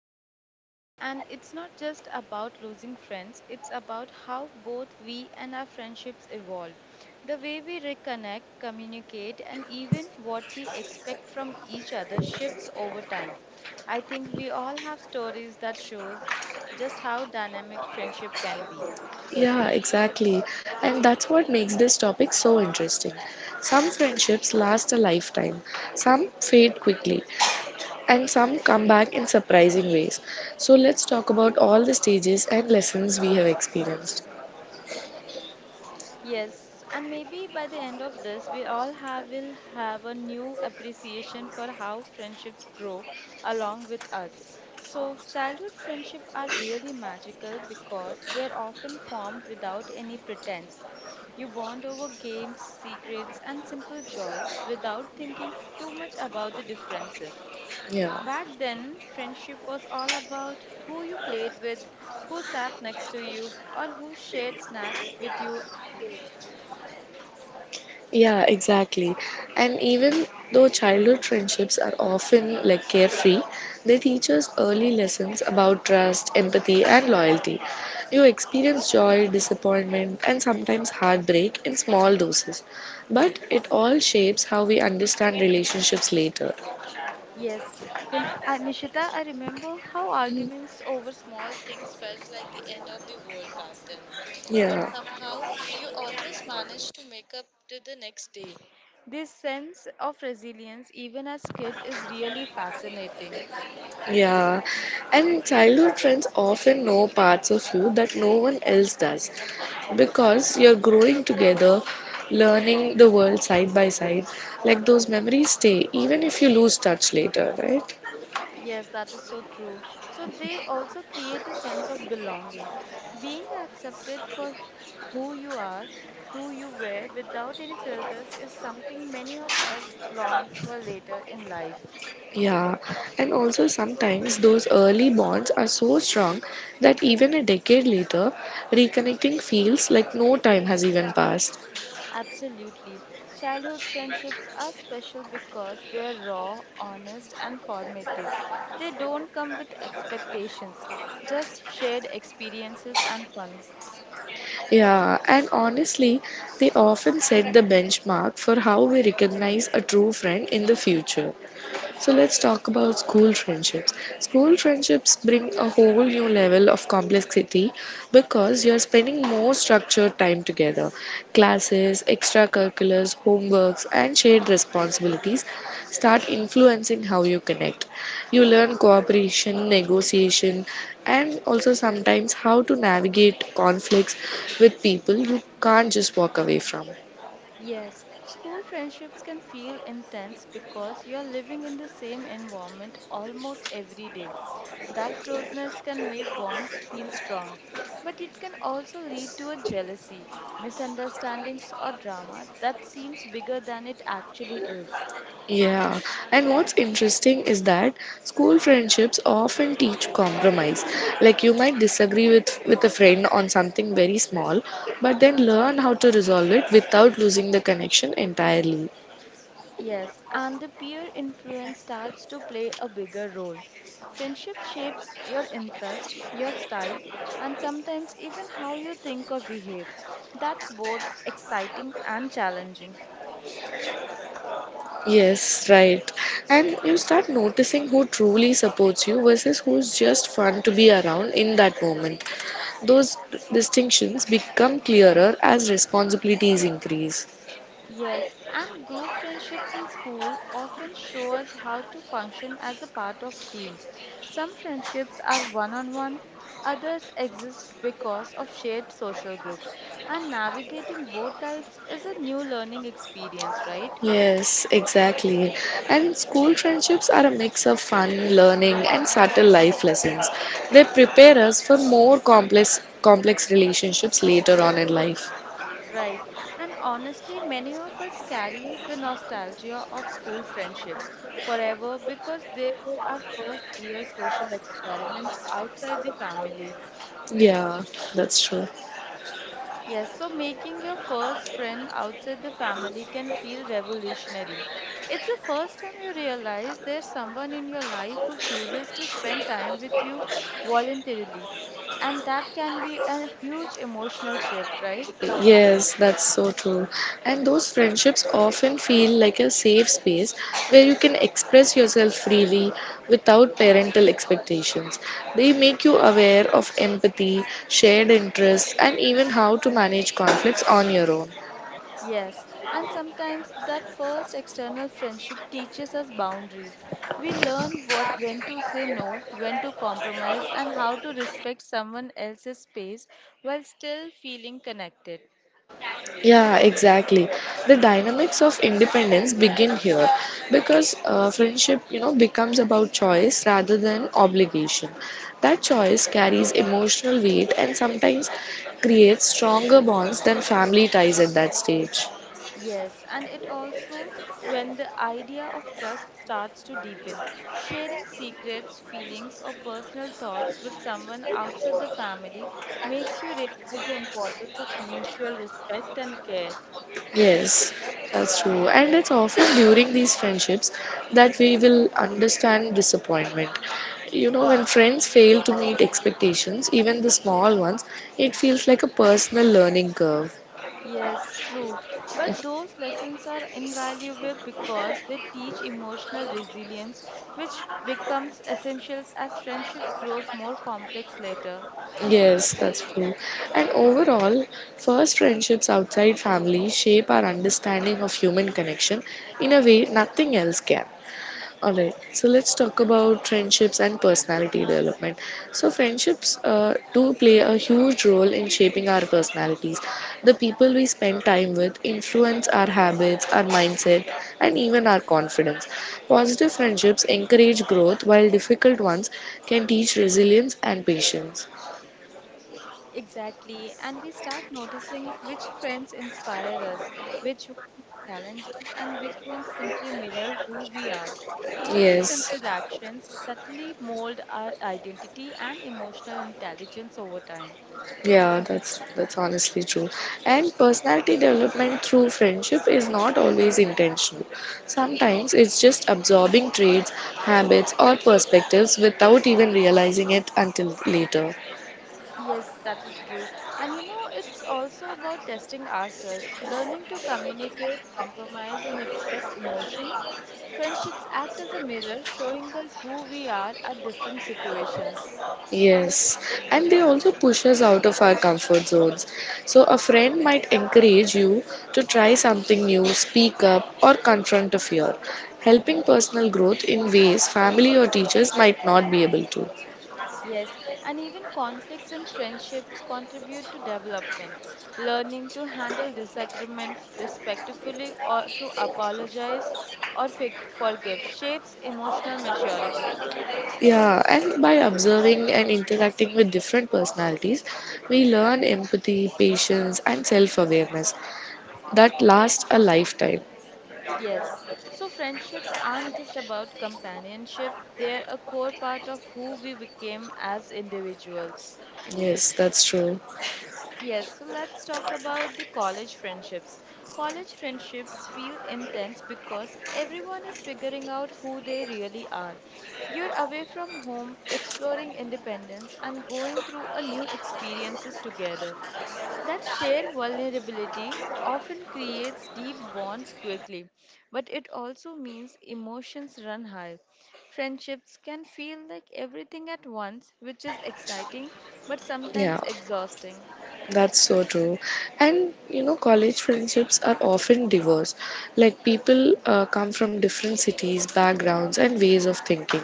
Absolutely. And it's not just about losing friends, it's about how both we and our friendships evolve. The way we reconnect, communicate, and even what we expect from each other shifts over time. I think we all have stories that shows just how dynamic friendship can be. Yeah, exactly. And that's what makes this topic so interesting. Some friendships last a lifetime, some fade quickly, and some come back in surprising ways. So let's talk about all the stages and lessons we have experienced. Yes, and maybe by the end of this, we all have will have a new appreciation for how friendships grow along with us. So, childhood friendships are really magical because they're often formed without any pretense. You bond over games, secrets, and simple joys without thinking too much about the differences. Yeah. Back then, friendship was all about who you played with, who sat next to you, or who shared snacks with you. Yeah, exactly. And even though childhood friendships are often like carefree, they teach us early lessons about trust, empathy, and loyalty. You experience joy, disappointment, and sometimes heartbreak in small doses, but it all shapes how we understand relationships later. Yes, Nishita, I remember how arguments over small things felt like the end of the world back then. But Yeah. somehow you always managed to make up to the next day. This sense of resilience, even as kid, is really fascinating. Yeah, and childhood friends often know parts of you that no one else does because you're growing together, learning the world side by side. Like those memories stay, even if you lose touch later, right? Yes, that is so true. So they also create a sense of belonging, being accepted for who you are, who you were, without any filters, is something many of us long for later in life. Yeah, and also sometimes those early bonds are so strong that even a decade later, reconnecting feels like no time has even passed. Absolutely. Childhood friendships are special because they're raw, honest, and formative. They don't come with expectations, just shared experiences and fun. Yeah, and honestly, they often set the benchmark for how we recognize a true friend in the future. So let's talk about school friendships. School friendships bring a whole new level of complexity because you're spending more structured time together. Classes, extracurriculars, homeworks, and shared responsibilities start influencing how you connect. You learn cooperation, negotiation, and also sometimes how to navigate conflicts with people you can't just walk away from. Yes, school friendships can feel intense because you're living in the same environment almost every day. That closeness can make bonds feel strong, but it can also lead to a jealousy, misunderstandings, or drama that seems bigger than it actually is. Yeah, and what's interesting is that school friendships often teach compromise. Like you might disagree with a friend on something very small, but then learn how to resolve it without losing the connection entirely. Yes, and the peer influence starts to play a bigger role. Friendship shapes your interest, your style, and sometimes even how you think or behave. That's both exciting and challenging. Yes, right. And you start noticing who truly supports you versus who's just fun to be around in that moment. Those distinctions become clearer as responsibilities increase. Yes, and group friendships in school often show us how to function as a part of team. Some friendships are one-on-one, others exist because of shared social groups, and navigating both types is a new learning experience, right? Yes, exactly. And school friendships are a mix of fun, learning, and subtle life lessons. They prepare us for more complex relationships later on in life. Right. And honestly, many of us carry the nostalgia of school friendships forever because they were our first real social experiments outside the family. Yeah, that's true. Yes, so making your first friend outside the family can feel revolutionary. It's the first time you realize there's someone in your life who chooses to spend time with you voluntarily. And that can be a huge emotional shift, right? Yes, that's so true. And those friendships often feel like a safe space where you can express yourself freely without parental expectations. They make you aware of empathy, shared interests, and even how to manage conflicts on your own. Yes, and sometimes that first external friendship teaches us boundaries. We learn what when to say no, when to compromise and how to respect someone else's space while still feeling connected. Yeah, exactly. The dynamics of independence begin here because friendship, you know, becomes about choice rather than obligation. That choice carries emotional weight and sometimes creates stronger bonds than family ties at that stage. Yes, and it also when the idea of trust starts to deepen, sharing secrets, feelings or personal thoughts with someone outside the family makes you realize the importance of mutual respect and care. Yes, that's true. And it's often during these friendships that we will understand disappointment. You know, when friends fail to meet expectations, even the small ones, it feels like a personal learning curve. Yes, true. But those lessons are invaluable because they teach emotional resilience, which becomes essential as friendships grows more complex later. Yes, that's true. And overall, first friendships outside family shape our understanding of human connection in a way nothing else can. Alright, so let's talk about friendships and personality development. So, friendships do play a huge role in shaping our personalities. The people we spend time with influence our habits, our mindset, and even our confidence. Positive friendships encourage growth, while difficult ones can teach resilience and patience. Exactly, and we start noticing which friends inspire us, which ones challenge us, and which ones simply mirror who we are. All these Yes, interactions subtly mold our identity and emotional intelligence over time. yeah, that's honestly true. And personality development through friendship is not always intentional. Sometimes it's just absorbing traits, habits, or perspectives without even realizing it until later. Yes, that is true. And you know, it's also about testing ourselves, learning to communicate, compromise, and express emotions. Friendships act as a mirror, showing us who we are at different situations. Yes, and they also push us out of our comfort zones. So, a friend might encourage you to try something new, speak up, or confront a fear, helping personal growth in ways family or teachers might not be able to. Yes, and even conflicts in friendships contribute to development. Learning to handle disagreement respectfully or to apologize or forgive shapes emotional maturity. Yeah, and by observing and interacting with different personalities, we learn empathy, patience, and self awareness that lasts a lifetime. Yes. So friendships aren't just about companionship, they're a core part of who we became as individuals. Yes, that's true. Yes, so let's talk about the college friendships. College friendships feel intense because everyone is figuring out who they really are. You're away from home, exploring independence, and going through a new experiences together. That shared vulnerability often creates deep bonds quickly, but it also means emotions run high. Friendships can feel like everything at once, which is exciting but sometimes Yeah. exhausting. That's so true. And you know, college friendships are often diverse. Like people come from different cities, backgrounds, and ways of thinking.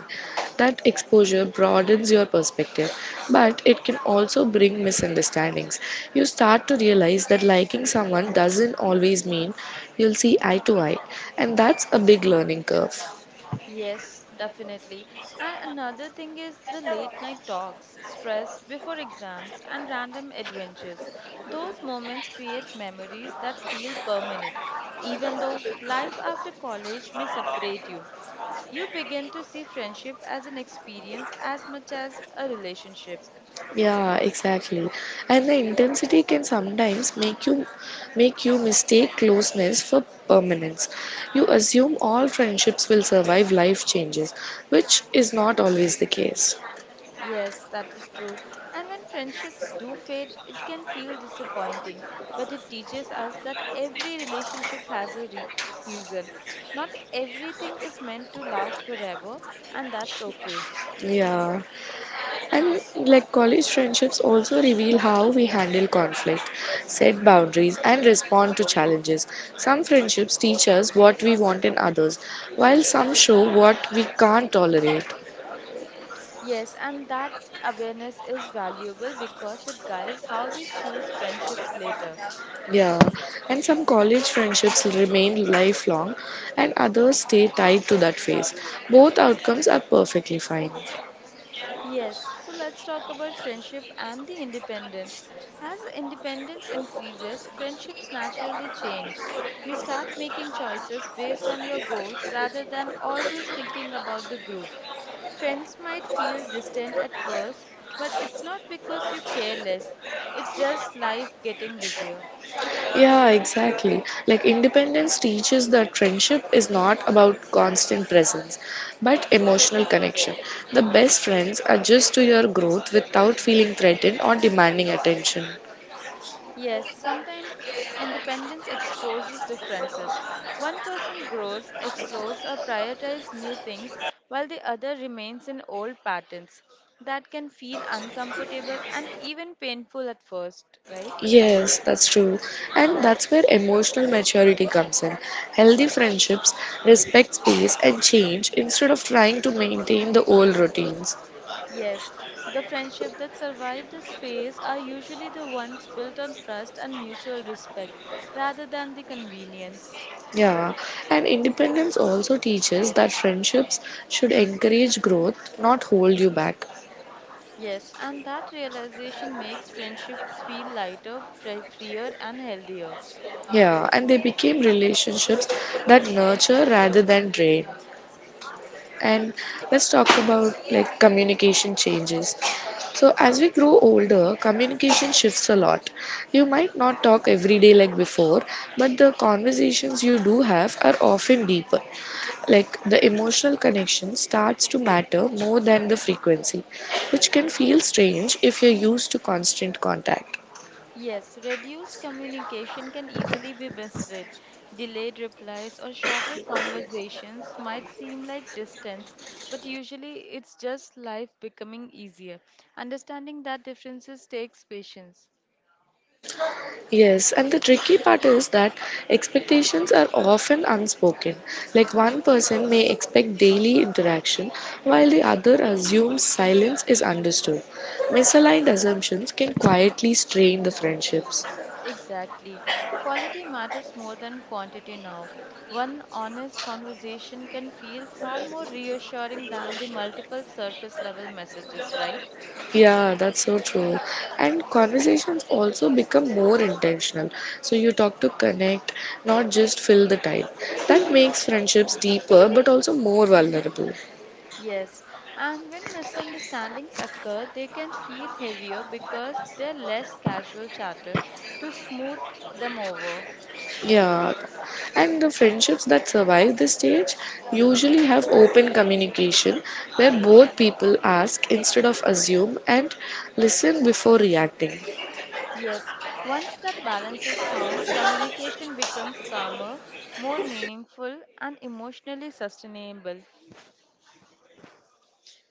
That exposure broadens your perspective, but it can also bring misunderstandings. You start to realize that liking someone doesn't always mean you'll see eye to eye, and that's a big learning curve. Yes, definitely. And another thing is the late night talks, stress before exams, and random adventures. Those moments create memories that feel permanent. Even though life after college may separate you, you begin to see friendship as an experience as much as a relationship. Yeah, exactly. And the intensity can sometimes make you mistake closeness for permanence. You assume all friendships will survive life changes, which is not always the case. Yes, that is true. And when friendships do fade, it can feel disappointing, but it teaches us that every relationship has a season. Not everything is meant to last forever, and that's okay. Yeah. And like college friendships also reveal how we handle conflict, set boundaries, and respond to challenges. Some friendships teach us what we want in others, while some show what we can't tolerate. Yes, and that awareness is valuable because it guides how we choose friendships later. Yeah, and some college friendships remain lifelong and others stay tied to that phase. Both outcomes are perfectly fine. Yes, so let's talk about friendship and the independence. As independence increases, friendships naturally change. You start making choices based on your goals rather than always thinking about the group. Friends might feel distant at first, but it's not because you care less, it's just life getting busier. Yeah, exactly. Like independence teaches that friendship is not about constant presence, but emotional connection. The best friends adjust to your growth without feeling threatened or demanding attention. Yes, sometimes independence exposes differences. One person grows, explores, or prioritizes new things while the other remains in old patterns. That can feel uncomfortable and even painful at first, right? Yes, that's true. And that's where emotional maturity comes in. Healthy friendships respect space and change instead of trying to maintain the old routines. Yes, the friendship that survive this phase are usually the ones built on trust and mutual respect rather than the convenience. Yeah, and independence also teaches that friendships should encourage growth, not hold you back. Yes, and that realization makes friendships feel lighter, freer, and healthier. Yeah, and they became relationships that nurture rather than drain. And let's talk about like communication changes. So as we grow older, communication shifts a lot. You might not talk every day like before, but the conversations you do have are often deeper. Like the emotional connection starts to matter more than the frequency, which can feel strange if you're used to constant contact. Yes, reduced communication can easily be misread. Delayed replies or shorter conversations might seem like distance, but usually it's just life becoming easier. Understanding that differences takes patience. Yes, and the tricky part is that expectations are often unspoken. Like one person may expect daily interaction while the other assumes silence is understood. Misaligned assumptions can quietly strain the friendships. Exactly. Quality matters more than quantity now. One honest conversation can feel far more reassuring than the multiple surface level messages, right? Yeah, that's so true. And conversations also become more intentional. So you talk to connect, not just fill the time. That makes friendships deeper but also more vulnerable. Yes, and when misunderstandings occur, they can feel heavier because they're less casual chatter to smooth them over. Yeah, and the friendships that survive this stage usually have open communication where both people ask instead of assume and listen before reacting. Yes, once that balance is found, communication becomes calmer, more meaningful, and emotionally sustainable.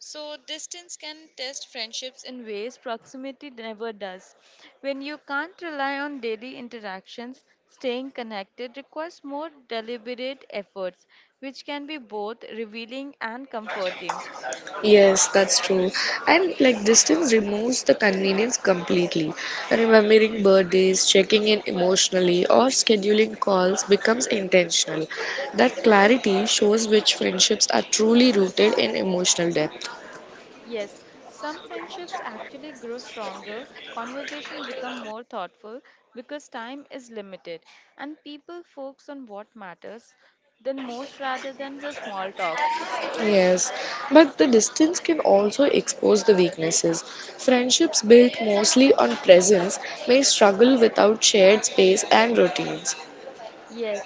So, distance can test friendships in ways proximity never does. When you can't rely on daily interactions, staying connected requires more deliberate efforts, which can be both revealing and comforting. Yes, that's true. And like distance removes the convenience completely. Remembering birthdays, checking in emotionally, or scheduling calls becomes intentional. That clarity shows which friendships are truly rooted in emotional depth. Yes, some friendships actually grow stronger, conversation become more thoughtful because time is limited and people focus on what matters than most rather than the small talks. Yes, but the distance can also expose the weaknesses. Friendships built mostly on presence may struggle without shared space and routines. Yes.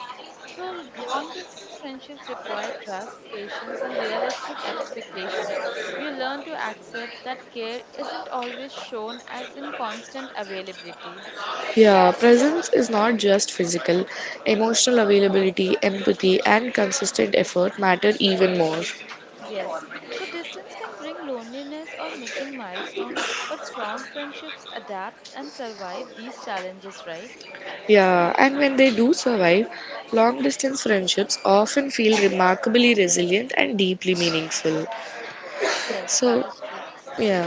So long distance friendships require trust, patience, and realistic expectations. You learn to accept that care isn't always shown as in constant availability. Yeah, presence is not just physical, emotional availability, empathy, and consistent effort matter even more. Yes. So distance can bring loneliness or missing milestone, but strong friendships adapt and survive these challenges, right? Yeah, and when they do survive, long distance friendships often feel remarkably resilient and deeply meaningful. Yes, So, that is true. yeah,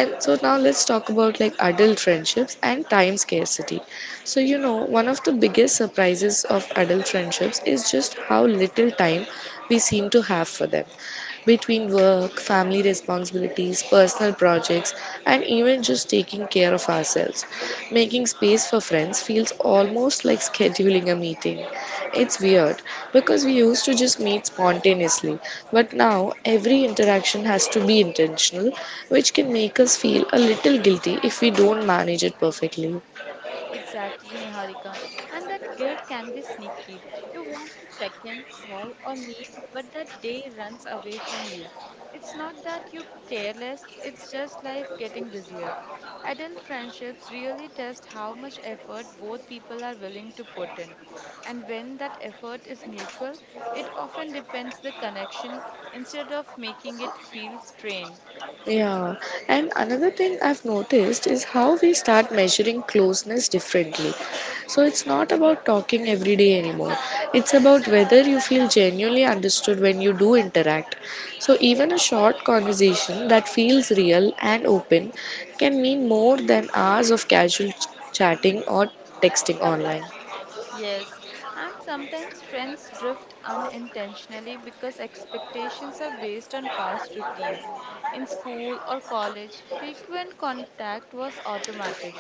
and so now let's talk about like adult friendships and time scarcity. So, you know, one of the biggest surprises of adult friendships is just how little time we seem to have for them. Between work, family responsibilities, personal projects, and even just taking care of ourselves. Making space for friends feels almost like scheduling a meeting. It's weird because we used to just meet spontaneously, but now every interaction has to be intentional, which can make us feel a little guilty if we don't manage it perfectly. Exactly, Niharika. And that guilt can be sneaky. You want to check in, call, or meet, but that day runs away from you. It's not that you're careless, it's just life getting busier. Adult friendships really test how much effort both people are willing to put in. And when that effort is mutual, it often depends the connection instead of making it feel strained. Yeah, and another thing I've noticed is how we start measuring closeness differently. So it's not about talking every day anymore. It's about whether you feel genuinely understood when you do interact. So even a short conversation that feels real and open can mean more than hours of casual chatting or texting online. Yes, and sometimes friends drift unintentionally because expectations are based on past routines. In school or college, frequent contact was automatic,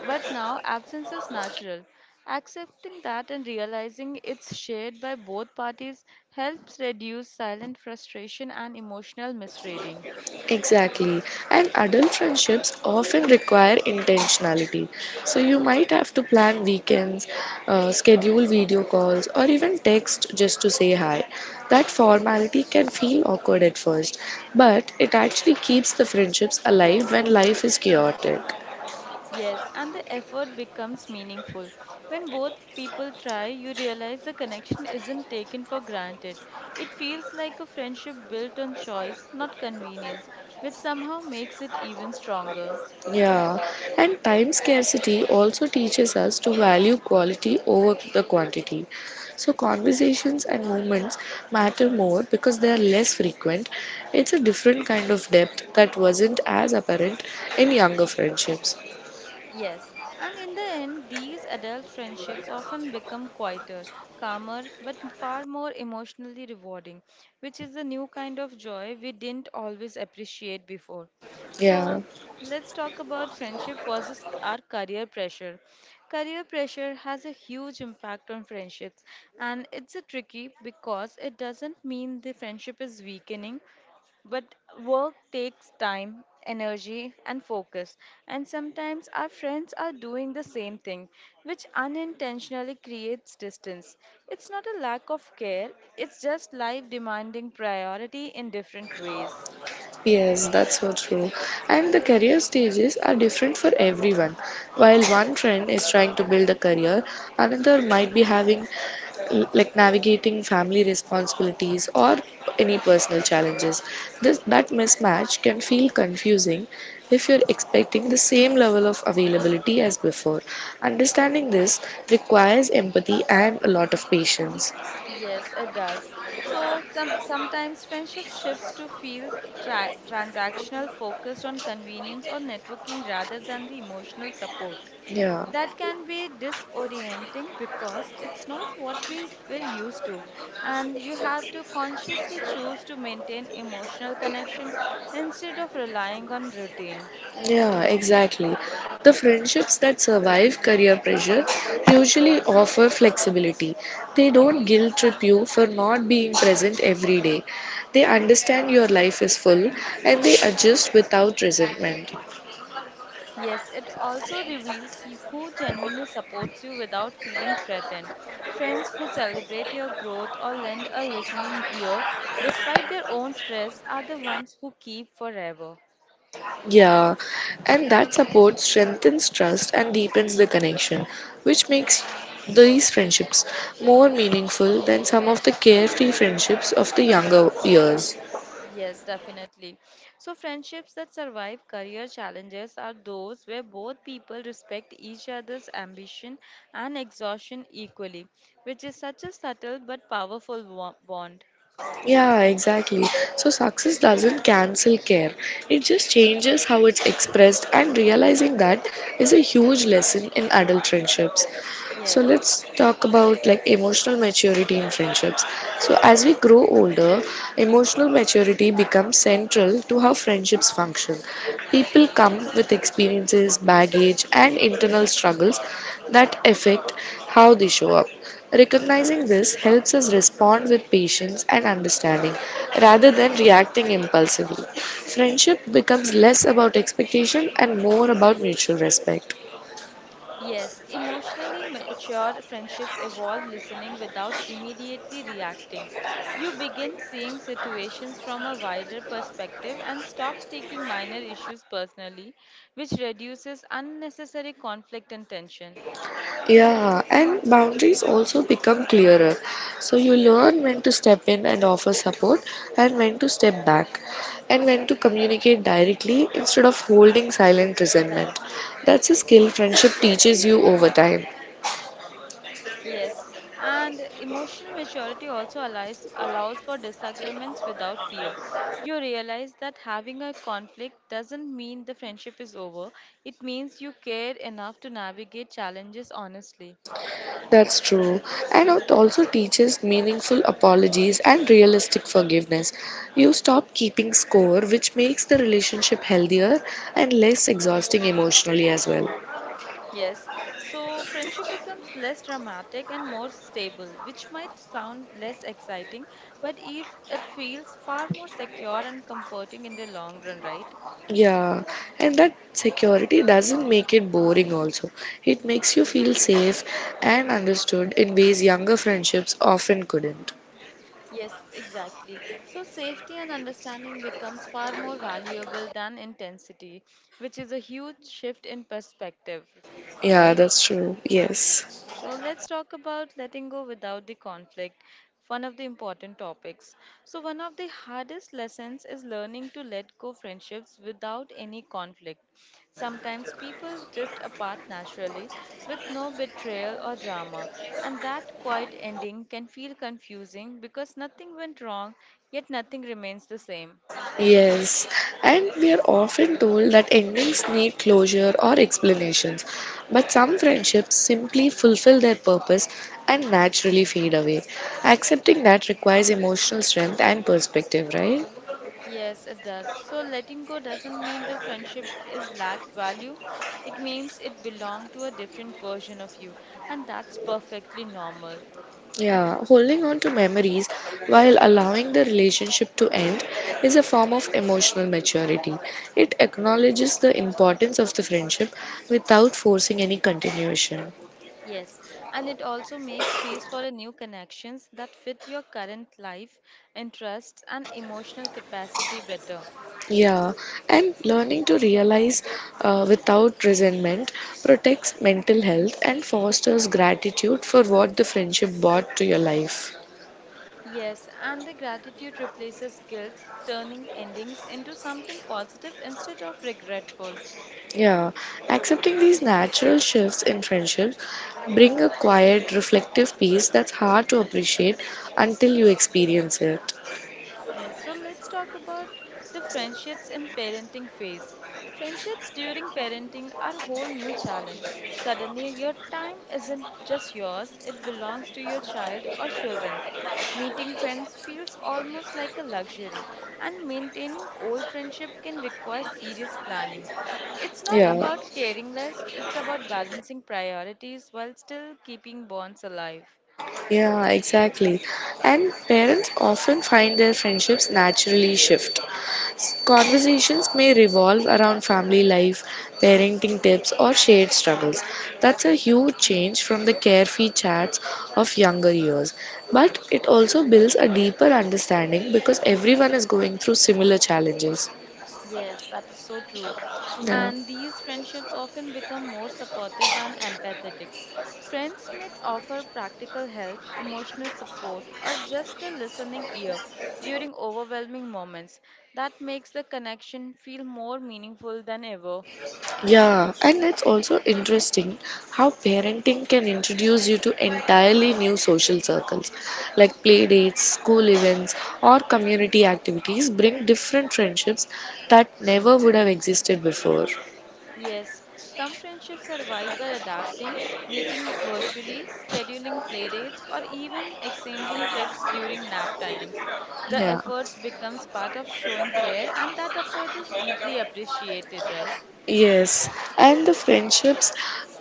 but now absence is natural. Accepting that and realizing it's shared by both parties helps reduce silent frustration and emotional misreading. Exactly. And adult friendships often require intentionality. So you might have to plan weekends, schedule video calls, or even text just to say hi. That formality can feel awkward at first, but it actually keeps the friendships alive when life is chaotic. Yes, and the effort becomes meaningful. When both people try, you realize the connection isn't taken for granted. It feels like a friendship built on choice, not convenience, which somehow makes it even stronger. Yeah, and time scarcity also teaches us to value quality over the quantity. So, conversations and moments matter more because they are less frequent. It's a different kind of depth that wasn't as apparent in younger friendships. Yes, and in the end, these adult friendships often become quieter, calmer, but far more emotionally rewarding, which is a new kind of joy we didn't always appreciate before. So, Yeah. let's talk about friendship versus our career pressure. Career pressure has a huge impact on friendships, and it's a tricky because it doesn't mean the friendship is weakening, but work takes time, energy, and focus, and sometimes our friends are doing the same thing, which unintentionally creates distance. It's not a lack of care, it's just life demanding priority in different ways. Yes, that's so true. And the career stages are different for everyone. While one trend is trying to build a career, another might be having like navigating family responsibilities or any personal challenges. This that mismatch can feel confusing if you're expecting the same level of availability as before. Understanding this requires empathy and a lot of patience. Yes, it does. So sometimes friendship shifts to feel transactional, focused on convenience or networking rather than the emotional support. Yeah. That can be disorienting because it's not what we were used to, and you have to consciously choose to maintain emotional connection instead of relying on routine. Yeah, exactly. The friendships that survive career pressure usually offer flexibility. They don't guilt trip you for not being present every day. They understand your life is full and they adjust without resentment. Yes, it also reveals who genuinely supports you without feeling threatened. Friends who celebrate your growth or lend a listening ear despite their own stress are the ones who keep forever. Yeah, and that support strengthens trust and deepens the connection, which makes these friendships more meaningful than some of the carefree friendships of the younger years. Yes, definitely. So, friendships that survive career challenges are those where both people respect each other's ambition and exhaustion equally, which is such a subtle but powerful bond. Yeah, exactly. So success doesn't cancel care. It just changes how it's expressed, and realizing that is a huge lesson in adult friendships. So Yes. let's talk about like emotional maturity in friendships. So as we grow older, emotional maturity becomes central to how friendships function. People come with experiences, baggage, and internal struggles that affect how they show up. Recognizing this helps us respond with patience and understanding rather than reacting impulsively. Friendship becomes less about expectation and more about mutual respect. Yes, emotionally mature friendships evolve listening without immediately reacting. You begin seeing situations from a wider perspective and stop taking minor issues personally, which reduces unnecessary conflict and tension. Yeah, and boundaries also become clearer. So you learn when to step in and offer support, and when to step back, and when to communicate directly instead of holding silent resentment. That's a skill friendship teaches you over time. Yes, and emotional maturity also allows for disagreements without fear. You realize that having a conflict doesn't mean the friendship is over, it means you care enough to navigate challenges honestly. That's true. And it also teaches meaningful apologies and realistic forgiveness. You stop keeping score, which makes the relationship healthier and less exhausting emotionally as well. Yes, so friendship becomes less dramatic and more stable, which might sound less exciting, but if it feels far more secure and comforting in the long run, right? Yeah, and that security doesn't make it boring also. It makes you feel safe and understood in ways younger friendships often couldn't. Yes, exactly. So safety and understanding becomes far more valuable than intensity, which is a huge shift in perspective, Yeah, right? that's true. Yes. So let's talk about letting go without the conflict, one of the important topics. So, one of the hardest lessons is learning to let go friendships without any conflict. Sometimes people drift apart naturally with no betrayal or drama, and that quiet ending can feel confusing because nothing went wrong, yet nothing remains the same. Yes. And we are often told that endings need closure or explanations. But some friendships simply fulfill their purpose and naturally fade away. Accepting that requires emotional strength and perspective, right? Yes, it does. So letting go doesn't mean the friendship is lacked value. It means it belonged to a different version of you, and that's perfectly normal. Yeah, holding on to memories while allowing the relationship to end is a form of emotional maturity. It acknowledges the importance of the friendship without forcing any continuation. Yes, and it also makes space for a new connections that fit your current life, interests, and emotional capacity better. Yeah, and learning to realize without resentment protects mental health and fosters gratitude for what the friendship brought to your life. Yes, and the gratitude replaces guilt, turning endings into something positive instead of regretful. Yeah, accepting these natural shifts in friendships bring a quiet, reflective peace that's hard to appreciate until you experience it. Yes, so let's talk about the friendships in parenting phase. Friendships during parenting are a whole new challenge. Suddenly, your time isn't just yours, it belongs to your child or children. Meeting friends feels almost like a luxury, and maintaining old friendship can require serious planning. It's not Yeah, about caring less, it's about balancing priorities while still keeping bonds alive. yeah, exactly. And parents often find their friendships naturally shift. Conversations may revolve around family life, parenting tips, or shared struggles. That's a huge change from the carefree chats of younger years. But it also builds a deeper understanding because everyone is going through similar challenges. Yes, that is so true. Yeah. And these friendships often become more supportive and empathetic. Friends may offer practical help, emotional support, or just a listening ear during overwhelming moments. That makes the connection feel more meaningful than ever. Yeah, and it's also interesting how parenting can introduce you to entirely new social circles. Like play dates, school events, or community activities bring different friendships that never would have existed before. Yes, some friendships survive by adapting, meeting virtually, scheduling playdates, or even exchanging texts during nap times. The Yeah. efforts becomes part of showing care, and that effort is deeply appreciated, right? Yes, and the friendships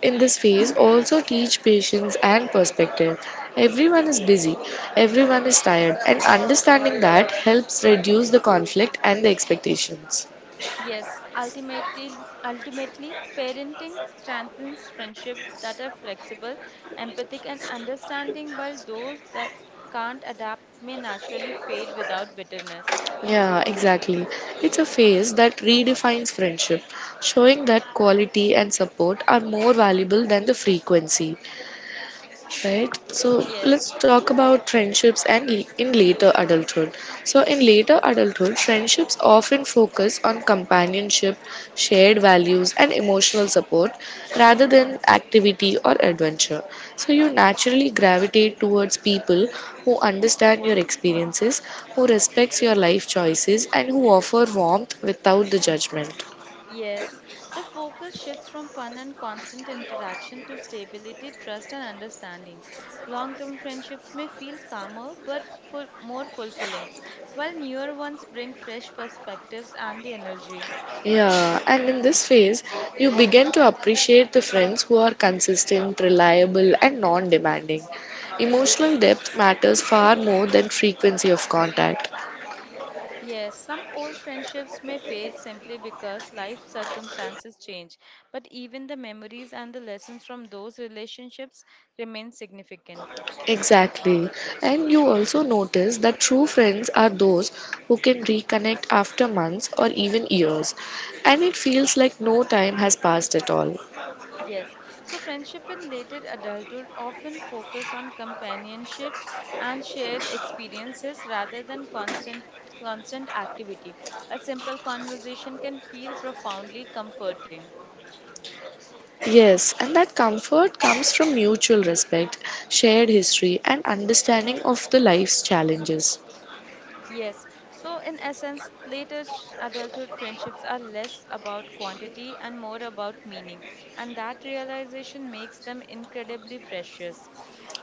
in this phase also teach patience and perspective. Everyone is busy, everyone is tired, and understanding that helps reduce the conflict and the expectations. Yes, ultimately, parenting strengthens friendships that are flexible, empathic, and understanding, while those that can't adapt may naturally fade without bitterness. Yeah, exactly. It's a phase that redefines friendship, showing that quality and support are more valuable than the frequency, right? So Yes, let's talk about friendships and in later adulthood. So in later adulthood, friendships often focus on companionship, shared values and emotional support rather than activity or adventure. So you naturally gravitate towards people who understand your experiences, who respects your life choices and who offer warmth without the judgment. Yes, the focus shifts from fun and constant interaction to stability, trust, and understanding. Long term friendships may feel calmer but full, more fulfilling, while newer ones bring fresh perspectives and the energy. Yeah, and in this phase, you begin to appreciate the friends who are consistent, reliable, and non demanding. Emotional depth matters far more than frequency of contact. Yes, some old friendships may fade simply because life circumstances change, but even the memories and the lessons from those relationships remain significant. Exactly. And you also notice that true friends are those who can reconnect after months or even years, and it feels like no time has passed at all. Yes, so friendship in later adulthood often focus on companionship and shared experiences rather than constant activity. A simple conversation can feel profoundly comforting. Yes, and that comfort comes from mutual respect, shared history, and understanding of the life's challenges. Yes. So, in essence, adulthood friendships are less about quantity and more about meaning. And that realization makes them incredibly precious.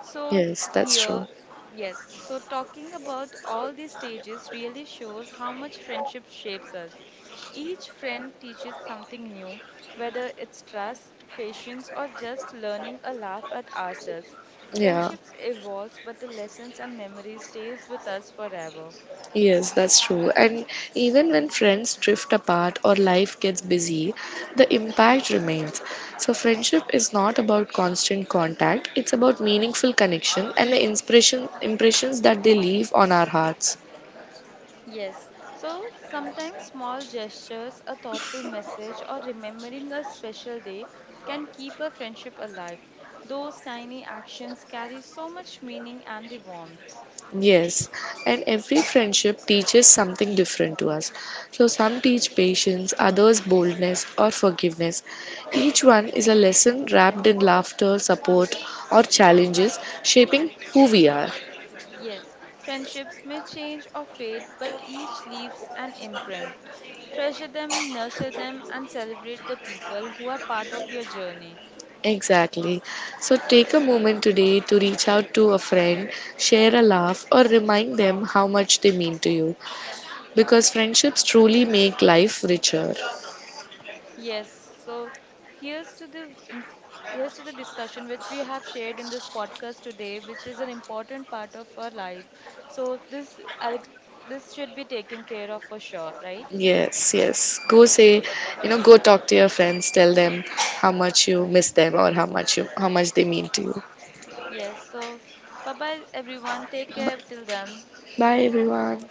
So, Yes, that's here, true. yes. So, talking about all these stages really shows how much friendship shapes us. Each friend teaches something new, whether it's trust, patience, or just learning a laugh at ourselves. Yeah, Friendships evolves, but the lessons and memories stays with us forever. yes, that's true. And even when friends drift apart or life gets busy, the impact remains. So, friendship is not about constant contact, it's about meaningful connection and the inspiration impressions that they leave on our hearts. Yes, so sometimes small gestures, a thoughtful message, or remembering a special day can keep a friendship alive. Those tiny actions carry so much meaning and the warmth. Yes, and every friendship teaches something different to us. So, some teach patience, others boldness or forgiveness. Each one is a lesson wrapped in laughter, support, or challenges, shaping who we are. Yes, friendships may change or fade, but each leaves an imprint. Treasure them, nurture them, and celebrate the people who are part of your journey. Exactly. So, take a moment today to reach out to a friend, share a laugh, or remind them how much they mean to you because friendships truly make life richer. Yes, so here's to the in- here's to the discussion which we have shared in this podcast today, which is an important part of our life. So this I this should be taken care of for sure, right? Yes, yes. Go say, you know, go talk to your friends, tell them how much you miss them or how much they mean to you. Yes. So bye bye everyone. Take care till then. Bye everyone.